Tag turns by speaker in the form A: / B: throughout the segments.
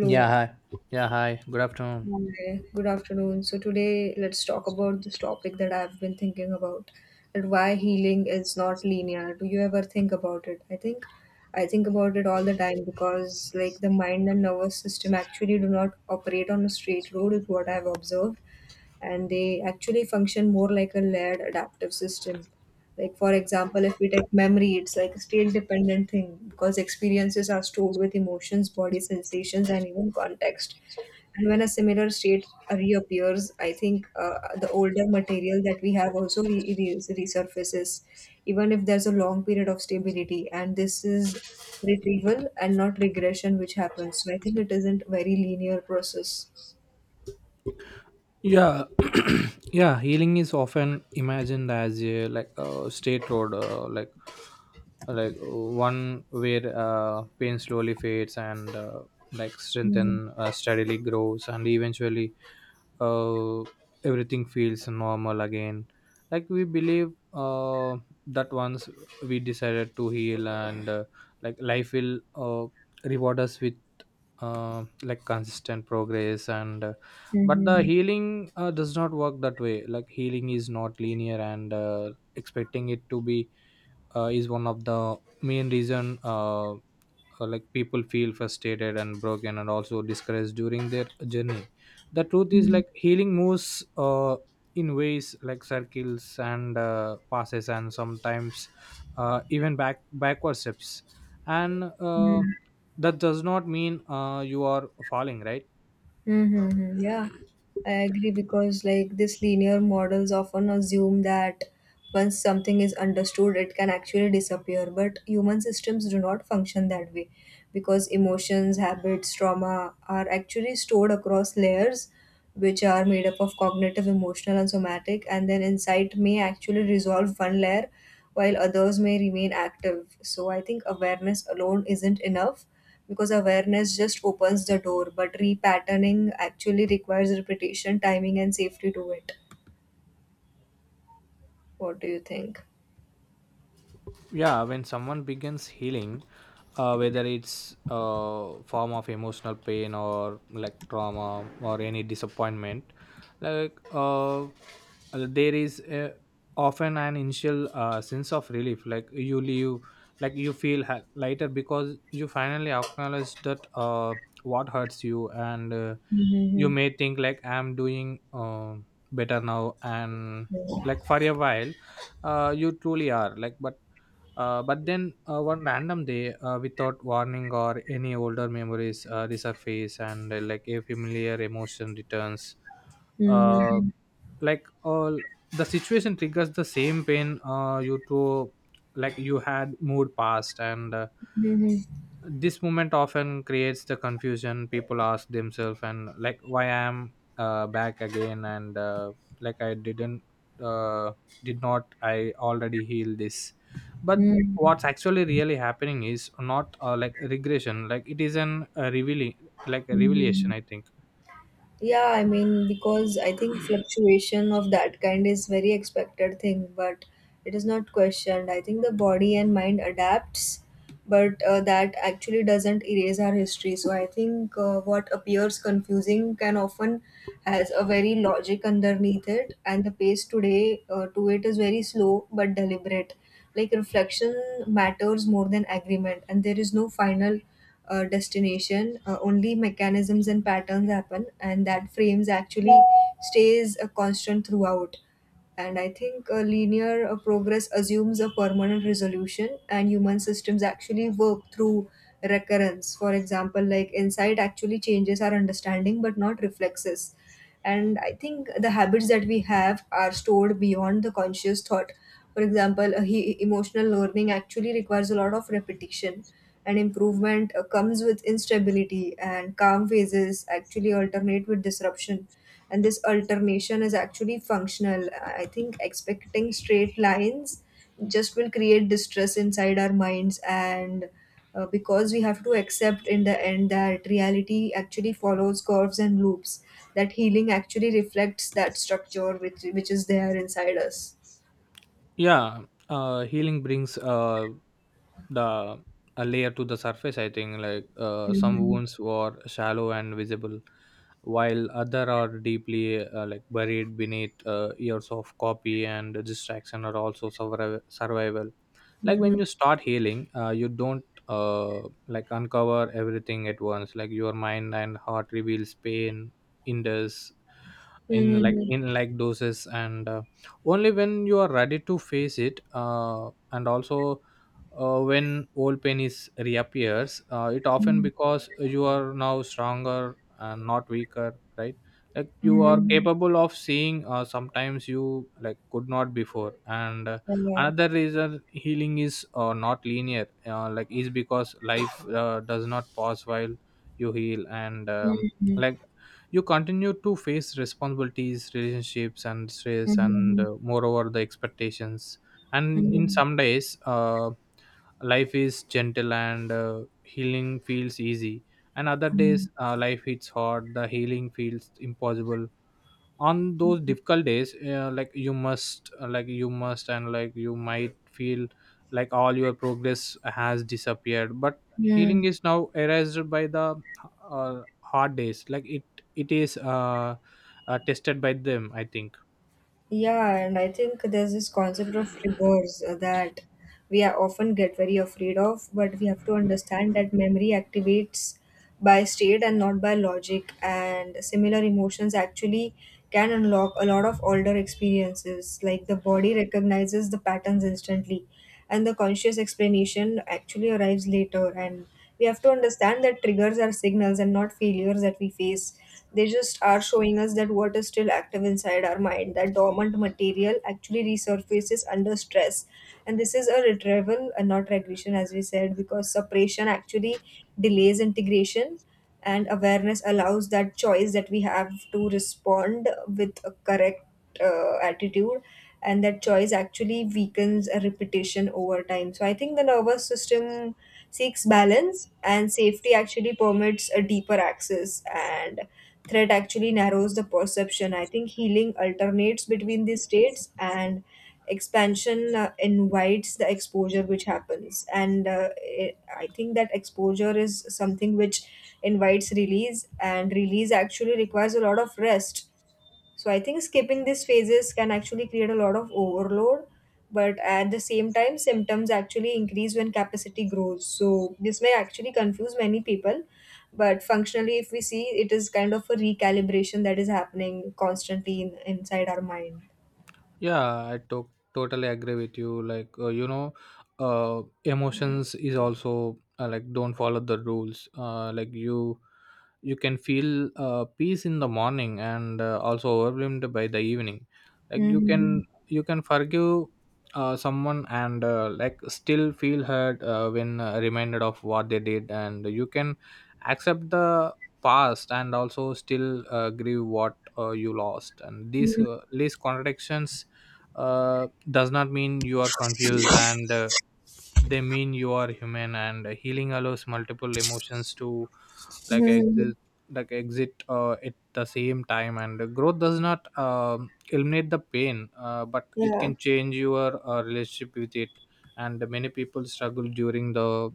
A: Yeah, hi. Yeah, hi. Good afternoon.
B: Hi. Good afternoon. So today let's talk about this topic that I've been thinking about and why healing is not linear. Do you ever think about it? I think about it all the time because like the mind and nervous system actually do not operate on a straight road is what I've observed, and they actually function more like a layered adaptive system. Like, for example, if we take memory, it's like a state dependent thing because experiences are stored with emotions, body sensations, and even context. And when a similar state reappears, I think the older material that we have also resurfaces, even if there's a long period of stability. And this is retrieval and not regression, which happens. So I think it isn't a very linear process.
A: Yeah yeah healing is often imagined as a like a state road, one where pain slowly fades, and strengthen steadily grows, and eventually uh, everything feels normal again. Like, we believe that once we decided to heal, and life will reward us with like consistent progress, and but
B: Mm-hmm.
A: the healing does not work that way. Like, healing is not linear, and expecting it to be is one of the main reason people feel frustrated and broken and also discouraged during their journey. The truth is, like, healing moves in ways like circles, and passes, and sometimes even backward steps, and that does not mean you are falling, right?
B: Mm-hmm. Yeah, I agree, because like this linear models often assume that once something is understood, it can actually disappear. But human systems do not function that way because emotions, habits, trauma are actually stored across layers, which are made up of cognitive, emotional, and somatic. And then insight may actually resolve one layer while others may remain active. So I think awareness alone isn't enough because awareness just opens the door, but repatterning actually requires repetition, timing, and safety to it. What do you think?
A: Yeah, when someone begins healing, whether it's a form of emotional pain or like trauma or any disappointment, like uh, there is a, often an initial sense of relief. Like, you leave like you feel ha- lighter, because you finally acknowledge that what hurts you. And You
B: Mm-hmm.
A: may think, like, I'm doing better now, and like, for a while you truly are. Like, but then one random day, without warning, or any older memories resurface, and like a familiar emotion returns. uh,
B: Mm-hmm.
A: like, all the situation triggers the same pain you to, like, you had moved past, and
B: Mm-hmm.
A: this moment often creates the confusion. People ask themselves, and like, why I am back again, and like I didn't uh, did not I already heal this? But what's actually really happening is not like regression. Like, it is an revealing, like a
B: Mm-hmm.
A: revelation, I think.
B: Yeah, I mean, because I think fluctuation of that kind is very expected thing, but it is not questioned. I think the body and mind adapts, but that actually doesn't erase our history. So I think what appears confusing can often has a very logic underneath it, and the pace today to it is very slow but deliberate. Like reflection matters more than agreement, and there is no final destination, only mechanisms and patterns happen, and that frames actually stays a constant throughout. And I think a linear progress assumes a permanent resolution, and human systems actually work through recurrence. For example, like insight actually changes our understanding, but not reflexes. And I think the habits that we have are stored beyond the conscious thought. For example, emotional learning actually requires a lot of repetition and improvement comes with instability, and calm phases actually alternate with disruption, and this alternation is actually functional. I think expecting straight lines just will create distress inside our minds, and because we have to accept in the end that reality actually follows curves and loops, that healing actually reflects that structure which is there inside us.
A: Yeah, healing brings the a layer to the surface, I think. Like, some
B: Mhm.
A: wounds were shallow and visible, while other are deeply like buried beneath years of copy and distraction, or also survival. Like, when
B: Mhm.
A: you start healing, you don't like uncover everything at once. Like, your mind and heart reveals pain in this in like
B: Mhm.
A: in like doses, and only when you are ready to face it. And also when old pain is reappears, it often
B: Mhm.
A: because you are now stronger and not weaker, right? Like, you are
B: Mhm.
A: capable of seeing sometimes you like could not before, and
B: Yeah.
A: another reason healing is not linear, like, is because life does not pause while you heal, and
B: Mhm.
A: like you continue to face responsibilities, relationships and stress, and
B: Mhm,
A: moreover the expectations. And in
B: mhm,
A: some days, life is gentle and healing feels easy, and other
B: mhm,
A: days life hits hard, the healing feels impossible. On those difficult days, like you must, and like you might feel like all your progress has disappeared, but
B: mhm.
A: healing is now erased by the hard days. Like, it is tested by them, I think.
B: Yeah, and I think there's this concept of triggers that we are often get very afraid of, but we have to understand that memory activates by state and not by logic, and similar emotions actually can unlock a lot of older experiences. Like the body recognizes the patterns instantly, and the conscious explanation actually arrives later. And we have to understand that triggers are signals and not failures that we face. They just are showing us that what is still active inside our mind, that dormant material actually resurfaces under stress. And this is a retrieval and not regression, as we said, because separation actually delays integration, and awareness allows that choice that we have to respond with a correct attitude, and that choice actually weakens a repetition over time. So I think the nervous system seeks balance, and safety actually permits a deeper access, and threat actually narrows the perception. I think healing alternates between these states, and expansion invites the exposure which happens. And I think that exposure is something which invites release, and release actually requires a lot of rest. So I think skipping these phases can actually create a lot of overload, but at the same time, symptoms actually increase when capacity grows. So this may actually confuse many people, but functionally, if we see, it is kind of a recalibration that is happening constantly inside our mind.
A: Yeah, I totally agree with you. Like, emotions is also like don't follow the rules. Like, you can feel peace in the morning, and also overwhelmed by the evening. Like, you
B: Mm-hmm.
A: can you can forgive someone, and like still feel hurt when reminded of what they did, and you can accept the past and also still grieve what you lost. And these contradictions does not mean you are confused, and they mean you are human, and healing allows multiple emotions to like exist like exit at the same time. And growth does not eliminate the pain, but it
B: Yeah.
A: can change your relationship with it. And many people struggle during the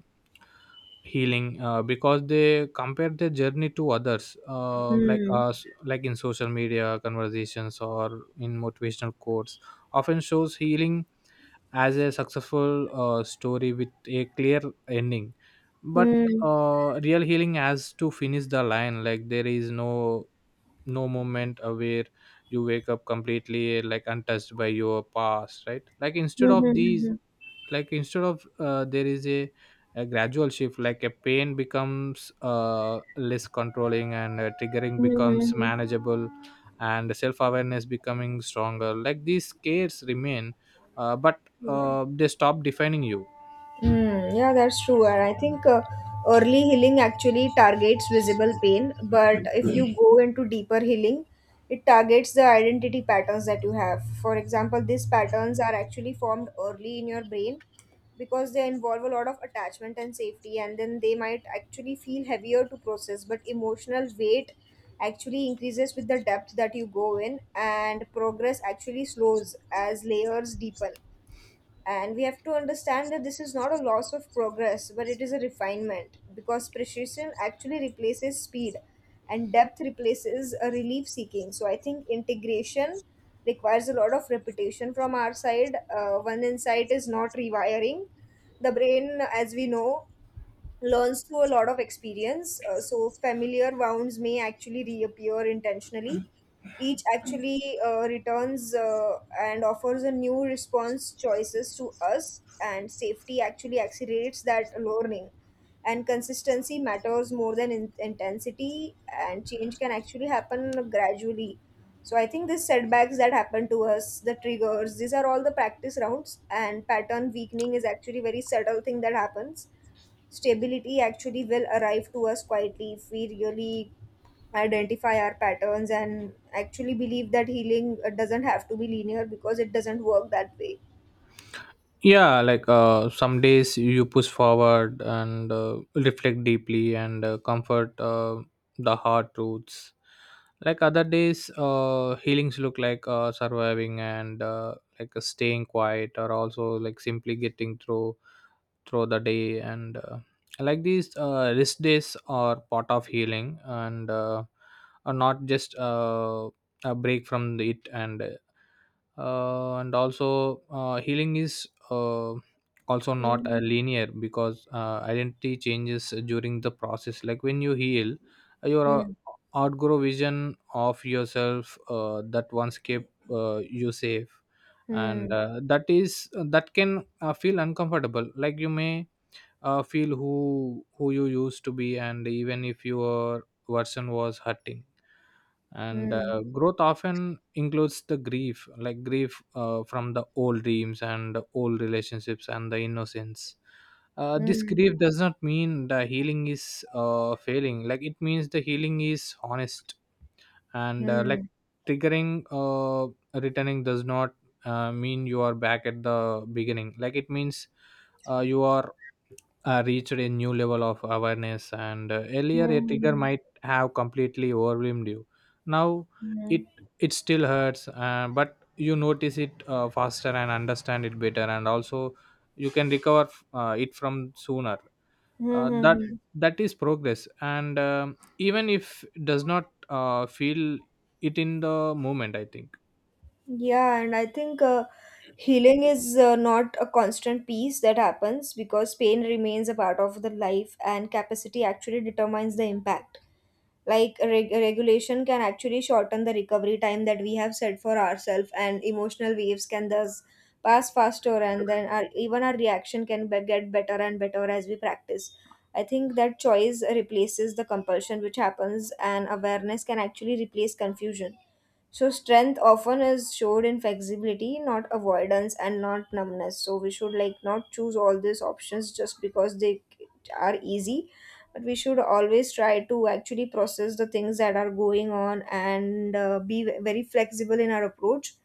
A: healing because they compare their journey to others, uh, like
B: Mm-hmm.
A: us like in social media conversations or in motivational quotes, often shows healing as a successful story with a clear ending. But real healing has to finish the line. Like, there is no moment where you wake up completely like untouched by your past, right? like instead of these
B: Mm-hmm.
A: like instead of uh, there is a gradual shift. Like, a pain becomes less controlling, and triggering becomes
B: Mm-hmm.
A: manageable, and self-awareness becoming stronger. Like, these scares remain, uh, but
B: Yeah.
A: uh, they stop defining you.
B: Mm, yeah, that's true. And I think early healing actually targets visible pain, but if you go into deeper healing, it targets the identity patterns that you have. For example, these patterns are actually formed early in your brain because they involve a lot of attachment and safety, and then they might actually feel heavier to process, but emotional weight actually increases with the depth that you go in, and progress actually slows as layers deepen, and we have to understand that this is not a loss of progress, but it is a refinement because precision actually replaces speed and depth replaces a relief seeking. So I think integration requires a lot of repetition from our side. One insight is not rewiring. The brain, as we know, learns through a lot of experience. So familiar wounds may actually reappear intentionally. Each actually returns and offers a new response choices to us, and safety actually accelerates that learning. And consistency matters more than intensity, and change can actually happen gradually. So I think these setbacks that happen to us, the triggers, these are all the practice rounds, and pattern weakening is actually very subtle thing that happens. Stability actually will arrive to us quietly if we really identify our patterns and actually believe that healing doesn't have to be linear because it doesn't work that way.
A: Yeah, like, some days you push forward, and reflect deeply, and comfort the hard truths. Like, other days healings look like surviving, and staying quiet, or also like simply getting through the day. And Like, these rest days are part of healing, and are not just a break from it. And also healing is also not
B: Mhm.
A: a linear, because identity changes during the process. Like, when you heal, your
B: Hmm.
A: outgrow vision of yourself that once kept you safe, and
B: Hmm.
A: uh, that is uh, that can feel uncomfortable. Like, you may feel who you used to be, and even if your version was hurting, and
B: Hmm.
A: growth often includes the grief. Like, grief from the old dreams and old relationships and the innocence. This
B: Hmm.
A: grief does not mean the healing is failing. Like, it means the healing is honest, and
B: Hmm.
A: triggering, returning, does not mean you are back at the beginning. Like, it means you are reached a new level of awareness, and earlier a trigger
B: Hmm.
A: might have completely overwhelmed you. Now,
B: Hmm.
A: it it still hurts, but you notice it faster and understand it better, and also you can recover it from sooner. uh,
B: Hmm.
A: that
B: Hmm.
A: that is progress, and even if does not feel it in the moment, I think.
B: Yeah, and I think healing is not a constant piece that happens because pain remains a part of the life, and capacity actually determines the impact. Like regulation can actually shorten the recovery time that we have set for ourselves, and emotional waves can thus pass faster, and then even our reaction can get better and better as we practice. I think that choice replaces the compulsion which happens, and awareness can actually replace confusion. So strength often is showed in flexibility, not avoidance and not numbness. So we should like not choose all these options just because they are easy, but we should always try to actually process the things that are going on and be very flexible in our approach.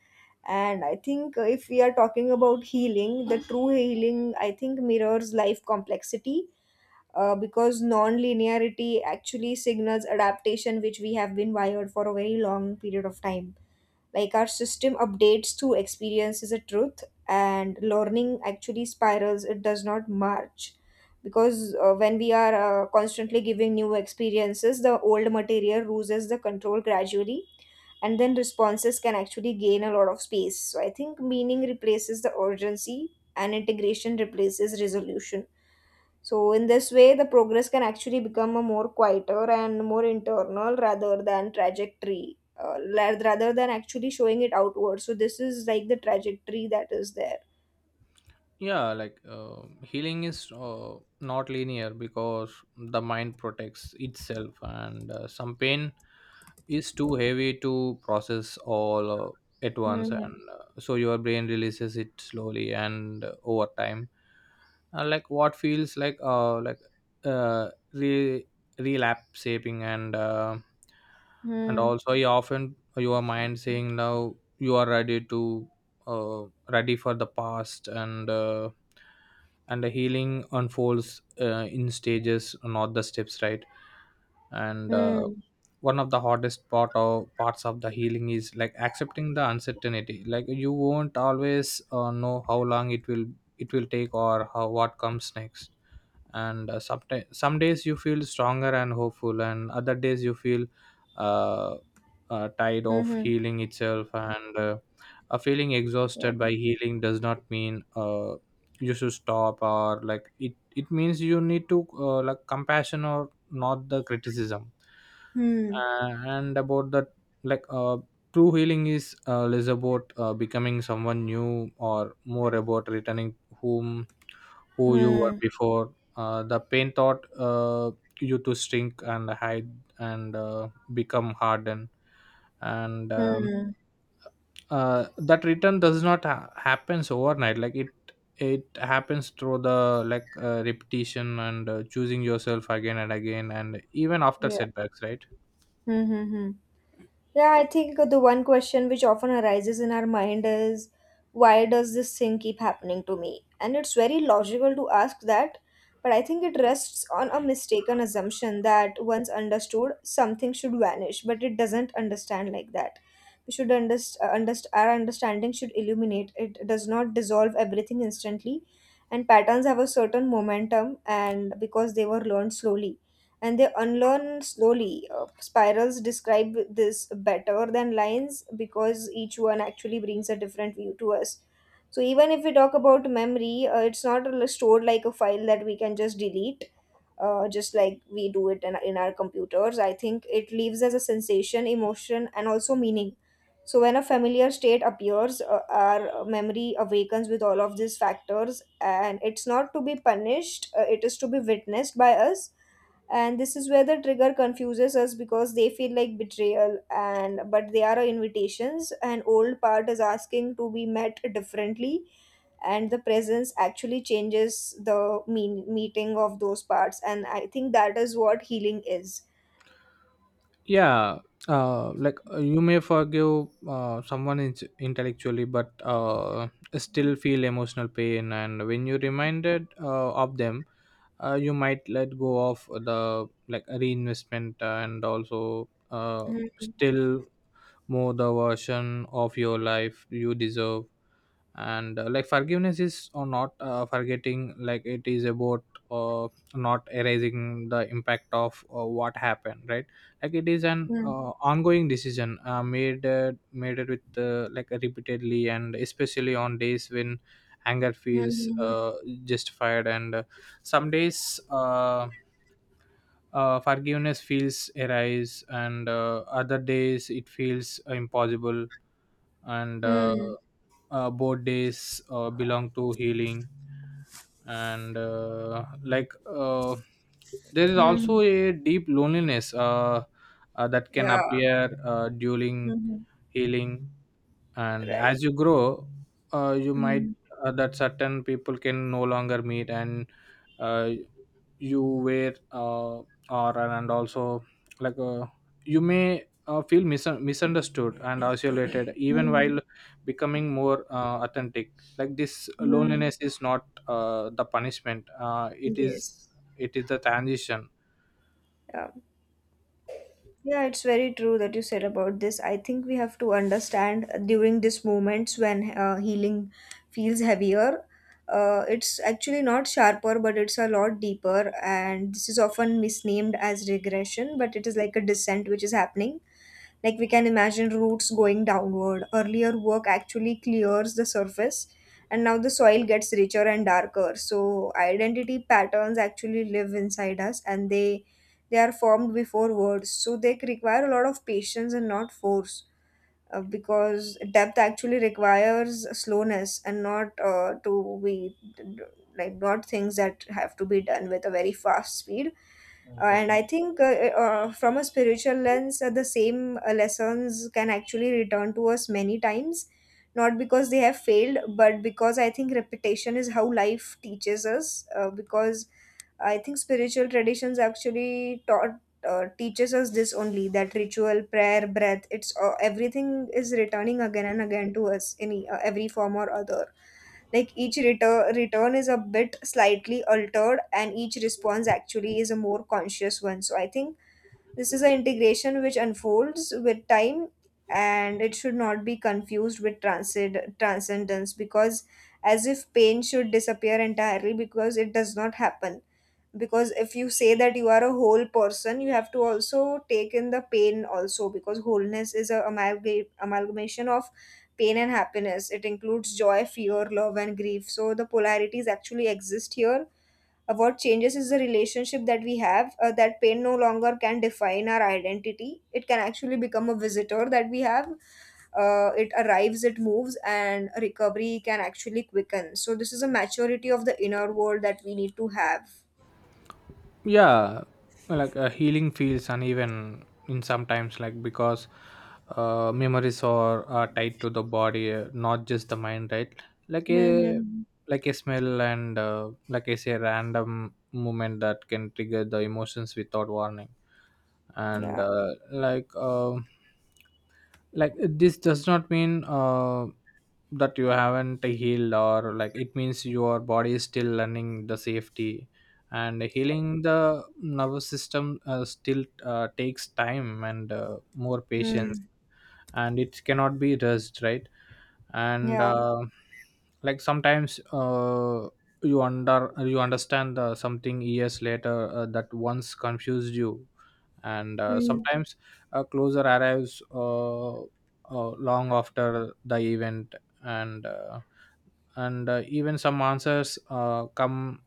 B: And I think if we are talking about healing, the true healing I think mirrors life complexity. Because non-linearity actually signals adaptation which we have been wired for a very long period of time. Like our system updates through experience is a truth, and learning actually spirals, it does not march. Because when we are constantly giving new experiences, the old material loses the control gradually, and then responses can actually gain a lot of space. So I think meaning replaces the urgency, and integration replaces resolution. So, in this way, the progress can actually become a more quieter and more internal rather than trajectory, rather than actually showing it outward. So, this is like the trajectory that is there.
A: Yeah, like, healing is not linear, because the mind protects itself, and some pain is too heavy to process all at once,
B: Hmm.
A: and so your brain releases it slowly, and over time. Uh, like what feels like re- relapse shaping, and
B: Hmm.
A: also you often your mind saying now you are ready to ready for the past, and the healing unfolds in stages, not the steps, right? and
B: Hmm.
A: One of the hardest parts of the healing is like accepting the uncertainty. Like, you won't always know how long it will take, or how what comes next. And Sometimes some days you feel stronger and hopeful, and other days you feel uh, tired of
B: Hmm.
A: healing itself, and a feeling
B: Yeah.
A: exhausted by healing does not mean you should stop. Or like, it means you need to like compassion or not the criticism.
B: Hmm.
A: And about that, like uh, true healing is less about becoming someone new, or more about returning whom who you were
B: Hmm.
A: before. The pain taught you to shrink and hide, and become hardened. And
B: Hmm.
A: That return does not happens overnight. Like, it happens through the repetition, and choosing yourself again and again, and even after
B: Yeah.
A: setbacks, right?
B: Hmm. Hmm. Hmm. Yeah, I think the one question which often arises in our mind is, why does this thing keep happening to me? And it's very logical to ask that, but I think it rests on a mistaken assumption that once understood, something should vanish, but it doesn't understand like that. We should understand, our understanding should illuminate, it does not dissolve everything instantly. And patterns have a certain momentum, and because they were learned slowly and they unlearn slowly. Spirals describe this better than lines because each one actually brings a different view to us. So even if we talk about memory, it's not really stored like a file that we can just delete, just like we do it in our computers. I think it leaves as a sensation, emotion, and also meaning. So when a familiar state appears, our memory awakens with all of these factors, and it's not to be punished, it is to be witnessed by us. And this is where the trigger confuses us because they feel like betrayal, and but they are our invitations. An old part is asking to be met differently, and the presence actually changes the mean meeting of those parts, and I think that is what healing is.
A: Yeah, you may forgive someone intellectually, but still feel emotional pain and when you reminded of them. You might let go of the like reinvestment, and also
B: Mhm.
A: still more the version of your life you deserve. And Like, forgiveness is or not forgetting. Like, it is about uh, not erasing the impact of what happened, right? Like, it is an
B: Mhm.
A: ongoing decision made it with like repeatedly, and especially on days when anger feels
B: Mhm.
A: justified, and some days forgiveness feels arise, and other days it feels impossible, and
B: Mhm.
A: both days belong to healing. And like There is
B: Mhm.
A: also a deep loneliness that can
B: Yeah.
A: appear during
B: Mhm.
A: healing. And
B: Right.
A: as you grow, you might
B: Mhm.
A: that certain people can no longer meet, and uh, you wear or, and also, like uh, you may feel misunderstood and isolated even
B: Mhm.
A: while becoming more authentic. Like, this
B: Mhm.
A: loneliness is not the punishment,
B: Yes.
A: it is the transition.
B: Yeah. Yeah, it's very true that you said about this. I think we have to understand during these moments when healing feels heavier. It's actually not sharper, but it's a lot deeper. And this is often misnamed as regression, but it is like a descent which is happening. Like we can imagine roots going downward. Earlier work actually clears the surface, and now the soil gets richer and darker. So identity patterns actually live inside us, and they are formed before words. So they require a lot of patience and not force. Because depth actually requires slowness and not things that have to be done with a very fast speed and I think, from a spiritual lens, the same lessons can actually return to us many times, not because they have failed, but because I think repetition is how life teaches us. Because I think spiritual traditions actually taught. Teaches us this only, that ritual, prayer, breath, it's everything is returning again and again to us in every form or other. Like each return is a bit slightly altered and each response actually is a more conscious one. So I think this is an integration which unfolds with time, and it should not be confused with transcendence, because as if pain should disappear entirely, because it does not happen. Because if you say that you are a whole person, you have to also take in the pain also, because wholeness is a amalgamation of pain and happiness. It includes joy, fear, love and grief. So the polarities actually exist here. What changes is the relationship that we have, that pain no longer can define our identity. It can actually become a visitor that we have. It arrives, it moves, and recovery can actually quicken. So, this is a maturity of the inner world that we need to have.
A: Yeah, like, healing feels uneven in sometimes, like, because memories are tied to the body, not just the mind, right? Like, a
B: Mhm.
A: like a smell, and like I say random movement that can trigger the emotions without warning, and
B: Yeah.
A: uh, like um like this does not mean that you haven't healed. Or like, it means your body is still learning the safety And healing the nervous system still takes time and more patience,
B: Mm.
A: and it cannot be rushed, right? and
B: Yeah.
A: uh, like sometimes, you understand something years later that once confused you. And
B: Mm.
A: sometimes a closer arrives, long after the event. and uh, and even some answers come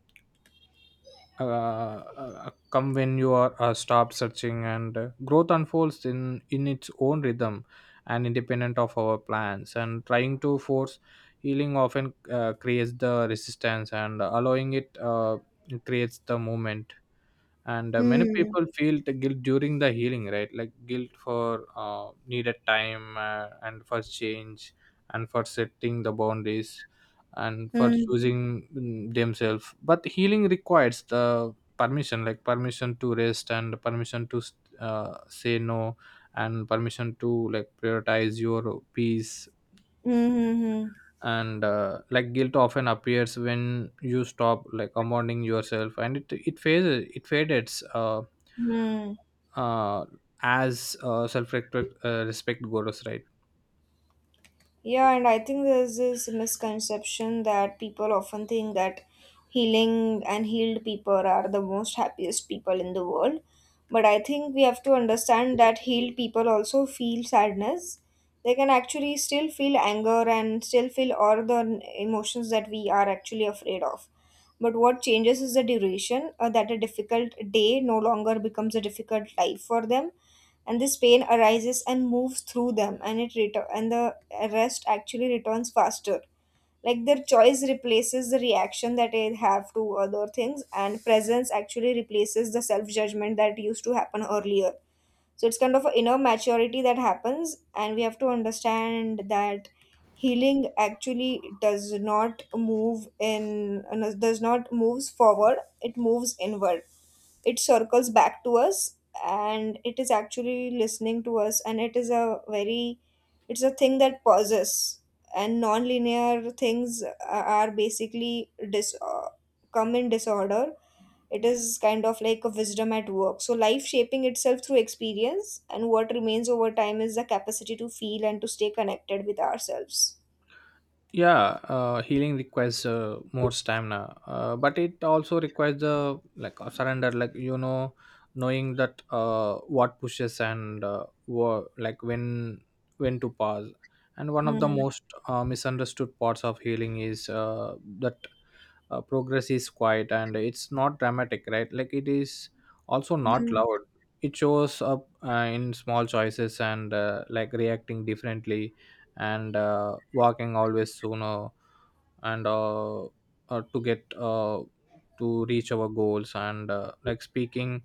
A: come when you are stop searching, and growth unfolds in its own rhythm and independent of our plans. And trying to force healing often creates the resistance, and allowing it creates the movement. And many
B: Mm.
A: people feel the guilt during the healing, right? Like guilt for needed time, and for change, and for setting the boundaries, and for
B: Mm.
A: choosing themselves. But healing requires the permission, like permission to rest and permission to say no, and permission to like prioritize your peace.
B: Mhm.
A: And like guilt often appears when you stop like compounding yourself, and it fades,
B: Mm.
A: uh, as self respect goes, right?
B: Yeah, and I think there's this misconception that people often think that healing and healed people are the most happiest people in the world. But I think we have to understand that healed people also feel sadness. They can actually still feel anger and still feel all the emotions that we are actually afraid of. But what changes is the duration, that a difficult day no longer becomes a difficult life for them, and this pain arises and moves through them, and the rest actually returns faster. Like their choice replaces the reaction that they have to other things, and presence actually replaces the self judgment that used to happen earlier. So it's kind of an inner maturity that happens, and we have to understand that healing actually does not move in does not moves forward, it moves inward. It circles back to us, and it is actually listening to us, and it is a very, it's a thing that pauses. And non-linear things are basically come in disorder. It is kind of like a wisdom at work. So life shaping itself through experience, and what remains over time is the capacity to feel and to stay connected with ourselves.
A: Yeah, healing requires more stamina, but it also requires the like surrender, like you know, knowing that what pushes and like when to pause. And one of the
B: Hmm.
A: most misunderstood parts of healing is that progress is quiet and it's not dramatic, right? Like it is also not
B: Hmm.
A: loud. It shows up in small choices, and like reacting differently, and walking always sooner, and uh, to get uh, to reach our goals, and like speaking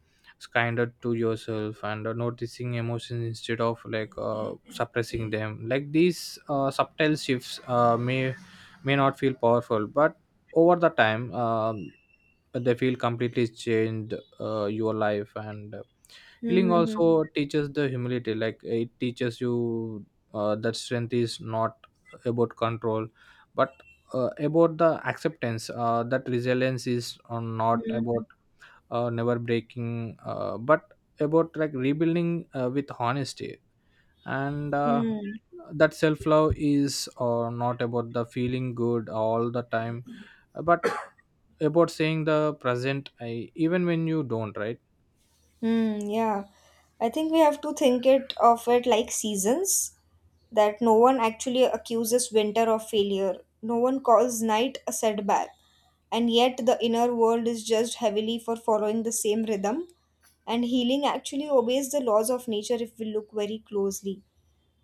A: kinder to yourself, and noticing emotions instead of like suppressing them. Like these subtle shifts may not feel powerful, but over the time, they feel completely changed your life. And healing
B: Hmm. Hmm.
A: also teaches the humility. Like it teaches you that strength is not about control, but about the acceptance, that resilience is not
B: Hmm.
A: about never breaking, but about like rebuilding with honesty, and
B: Hmm.
A: that self love is not about the feeling good all the time, but about saying the present I even when you don't, right?
B: Hmm, yeah. I think we have to think it of it like seasons, that no one actually accuses winter of failure. No one calls night a setback. And yet the inner world is judged heavily for following the same rhythm. And healing actually obeys the laws of nature if we look very closely,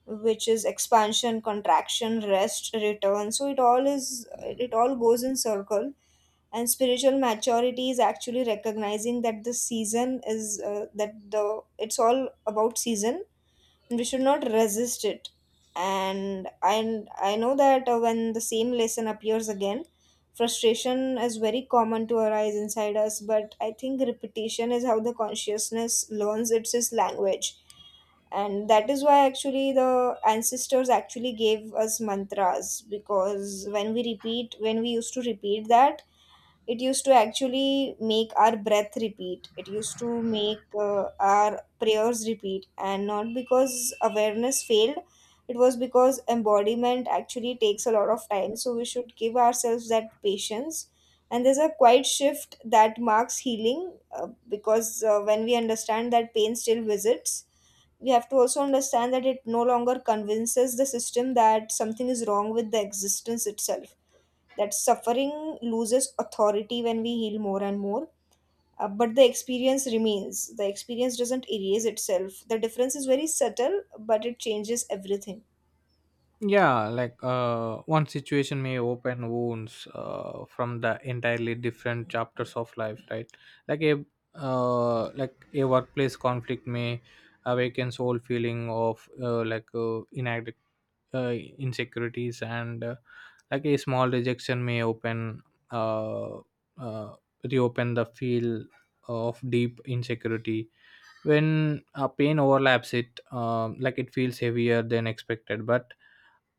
B: which is expansion, contraction, rest, return. So it all goes in circle, and spiritual maturity is actually recognizing that the season is that the it's all about season, and we should not resist it. And I know that when the same lesson appears again, frustration is very common to arise inside us. But I think repetition is how the consciousness learns its language. And that is why actually the ancestors actually gave us mantras, because when we used to repeat that, it used to actually make our breath repeat, it used to make our prayers repeat. And not because awareness failed, it was because embodiment actually takes a lot of time, so we should give ourselves that patience. And there's a quiet shift that marks healing, because when we understand that pain still visits, we have to also understand that it no longer convinces the system that something is wrong with the existence itself, that suffering loses authority when we heal more and more. But the experience remains, the experience doesn't erase itself. The difference is very subtle, but it changes everything.
A: Yeah, like one situation may open wounds from the entirely different chapters of life, right? Like a like a workplace conflict may awakens old feeling of like inadequacy, insecurities, and like a small rejection may open, uh, uh, reopen the field of deep insecurity. When pain overlaps it, like it feels heavier than expected, but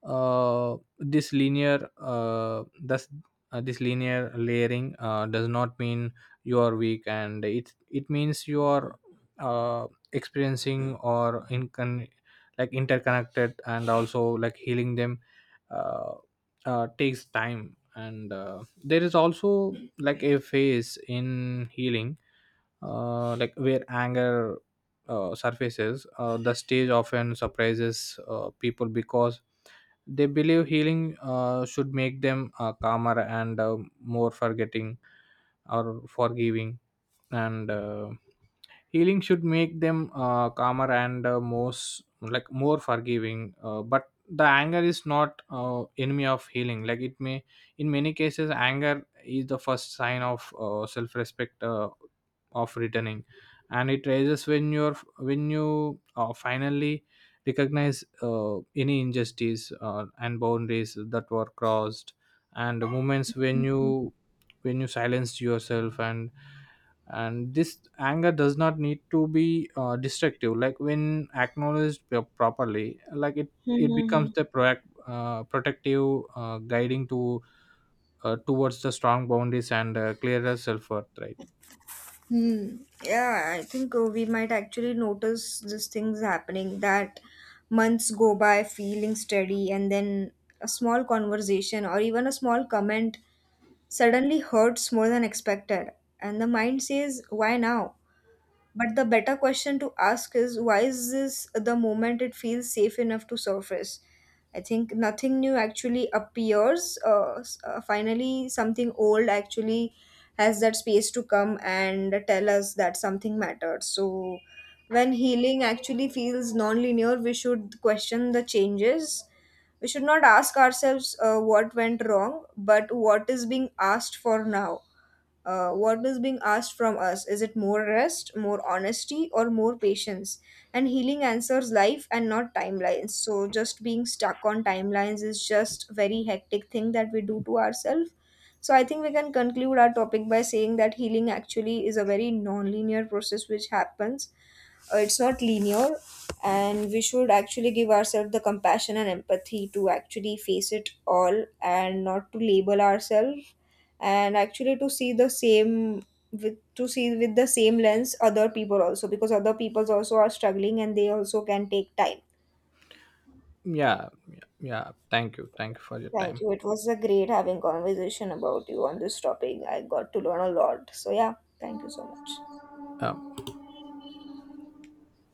A: uh, this linear uh, thus this linear layering does not mean you are weak, and it means you are uh, experiencing or in con- like interconnected, and also like healing them uh, takes time. And there is also like a phase in healing like where anger surfaces. Uh, the stage often surprises people because they believe healing should make them calmer and more forgetting or forgiving. And Healing should make them calmer and like more forgiving, but the anger is not enemy of healing. Like it may, in many cases, anger is the first sign of self-respect, of returning. And it raises when you finally recognize any injustice and boundaries that were crossed, and the moments
B: Hmm.
A: when you silenced yourself. And this anger does not need to be destructive. Like when acknowledged properly, like it
B: Hmm.
A: becomes the protective, guiding to towards the strong boundaries and clearer self-worth, right?
B: Hmm. Yeah, I think we might actually notice these things happening, that months go by feeling steady, and then a small conversation or even a small comment suddenly hurts more than expected. And the mind says, why now? But the better question to ask is, why is this the moment it feels safe enough to surface? I think nothing new actually appears. Finally, something old actually has that space to come and tell us that something mattered. So, when healing actually feels non-linear, we should question the changes. We should not ask ourselves what went wrong, but what is being asked for now. What is being asked from us? Is it more rest, more honesty or more patience? And healing answers life and not timelines. So just being stuck on timelines is just very hectic thing that we do to ourselves. So I think we can conclude our topic by saying that healing actually is a very non-linear process which happens, it's not linear, and we should actually give ourselves the compassion and empathy to actually face it all and not to label ourselves, and actually to see the same, with to see with the same lens other people also, because other people also are struggling and they also can take time.
A: Yeah, yeah. Thank you for your
B: Thank
A: time.
B: you, it was a great having conversation about you on this topic, I got to learn a lot, so yeah, thank you so much.
A: um,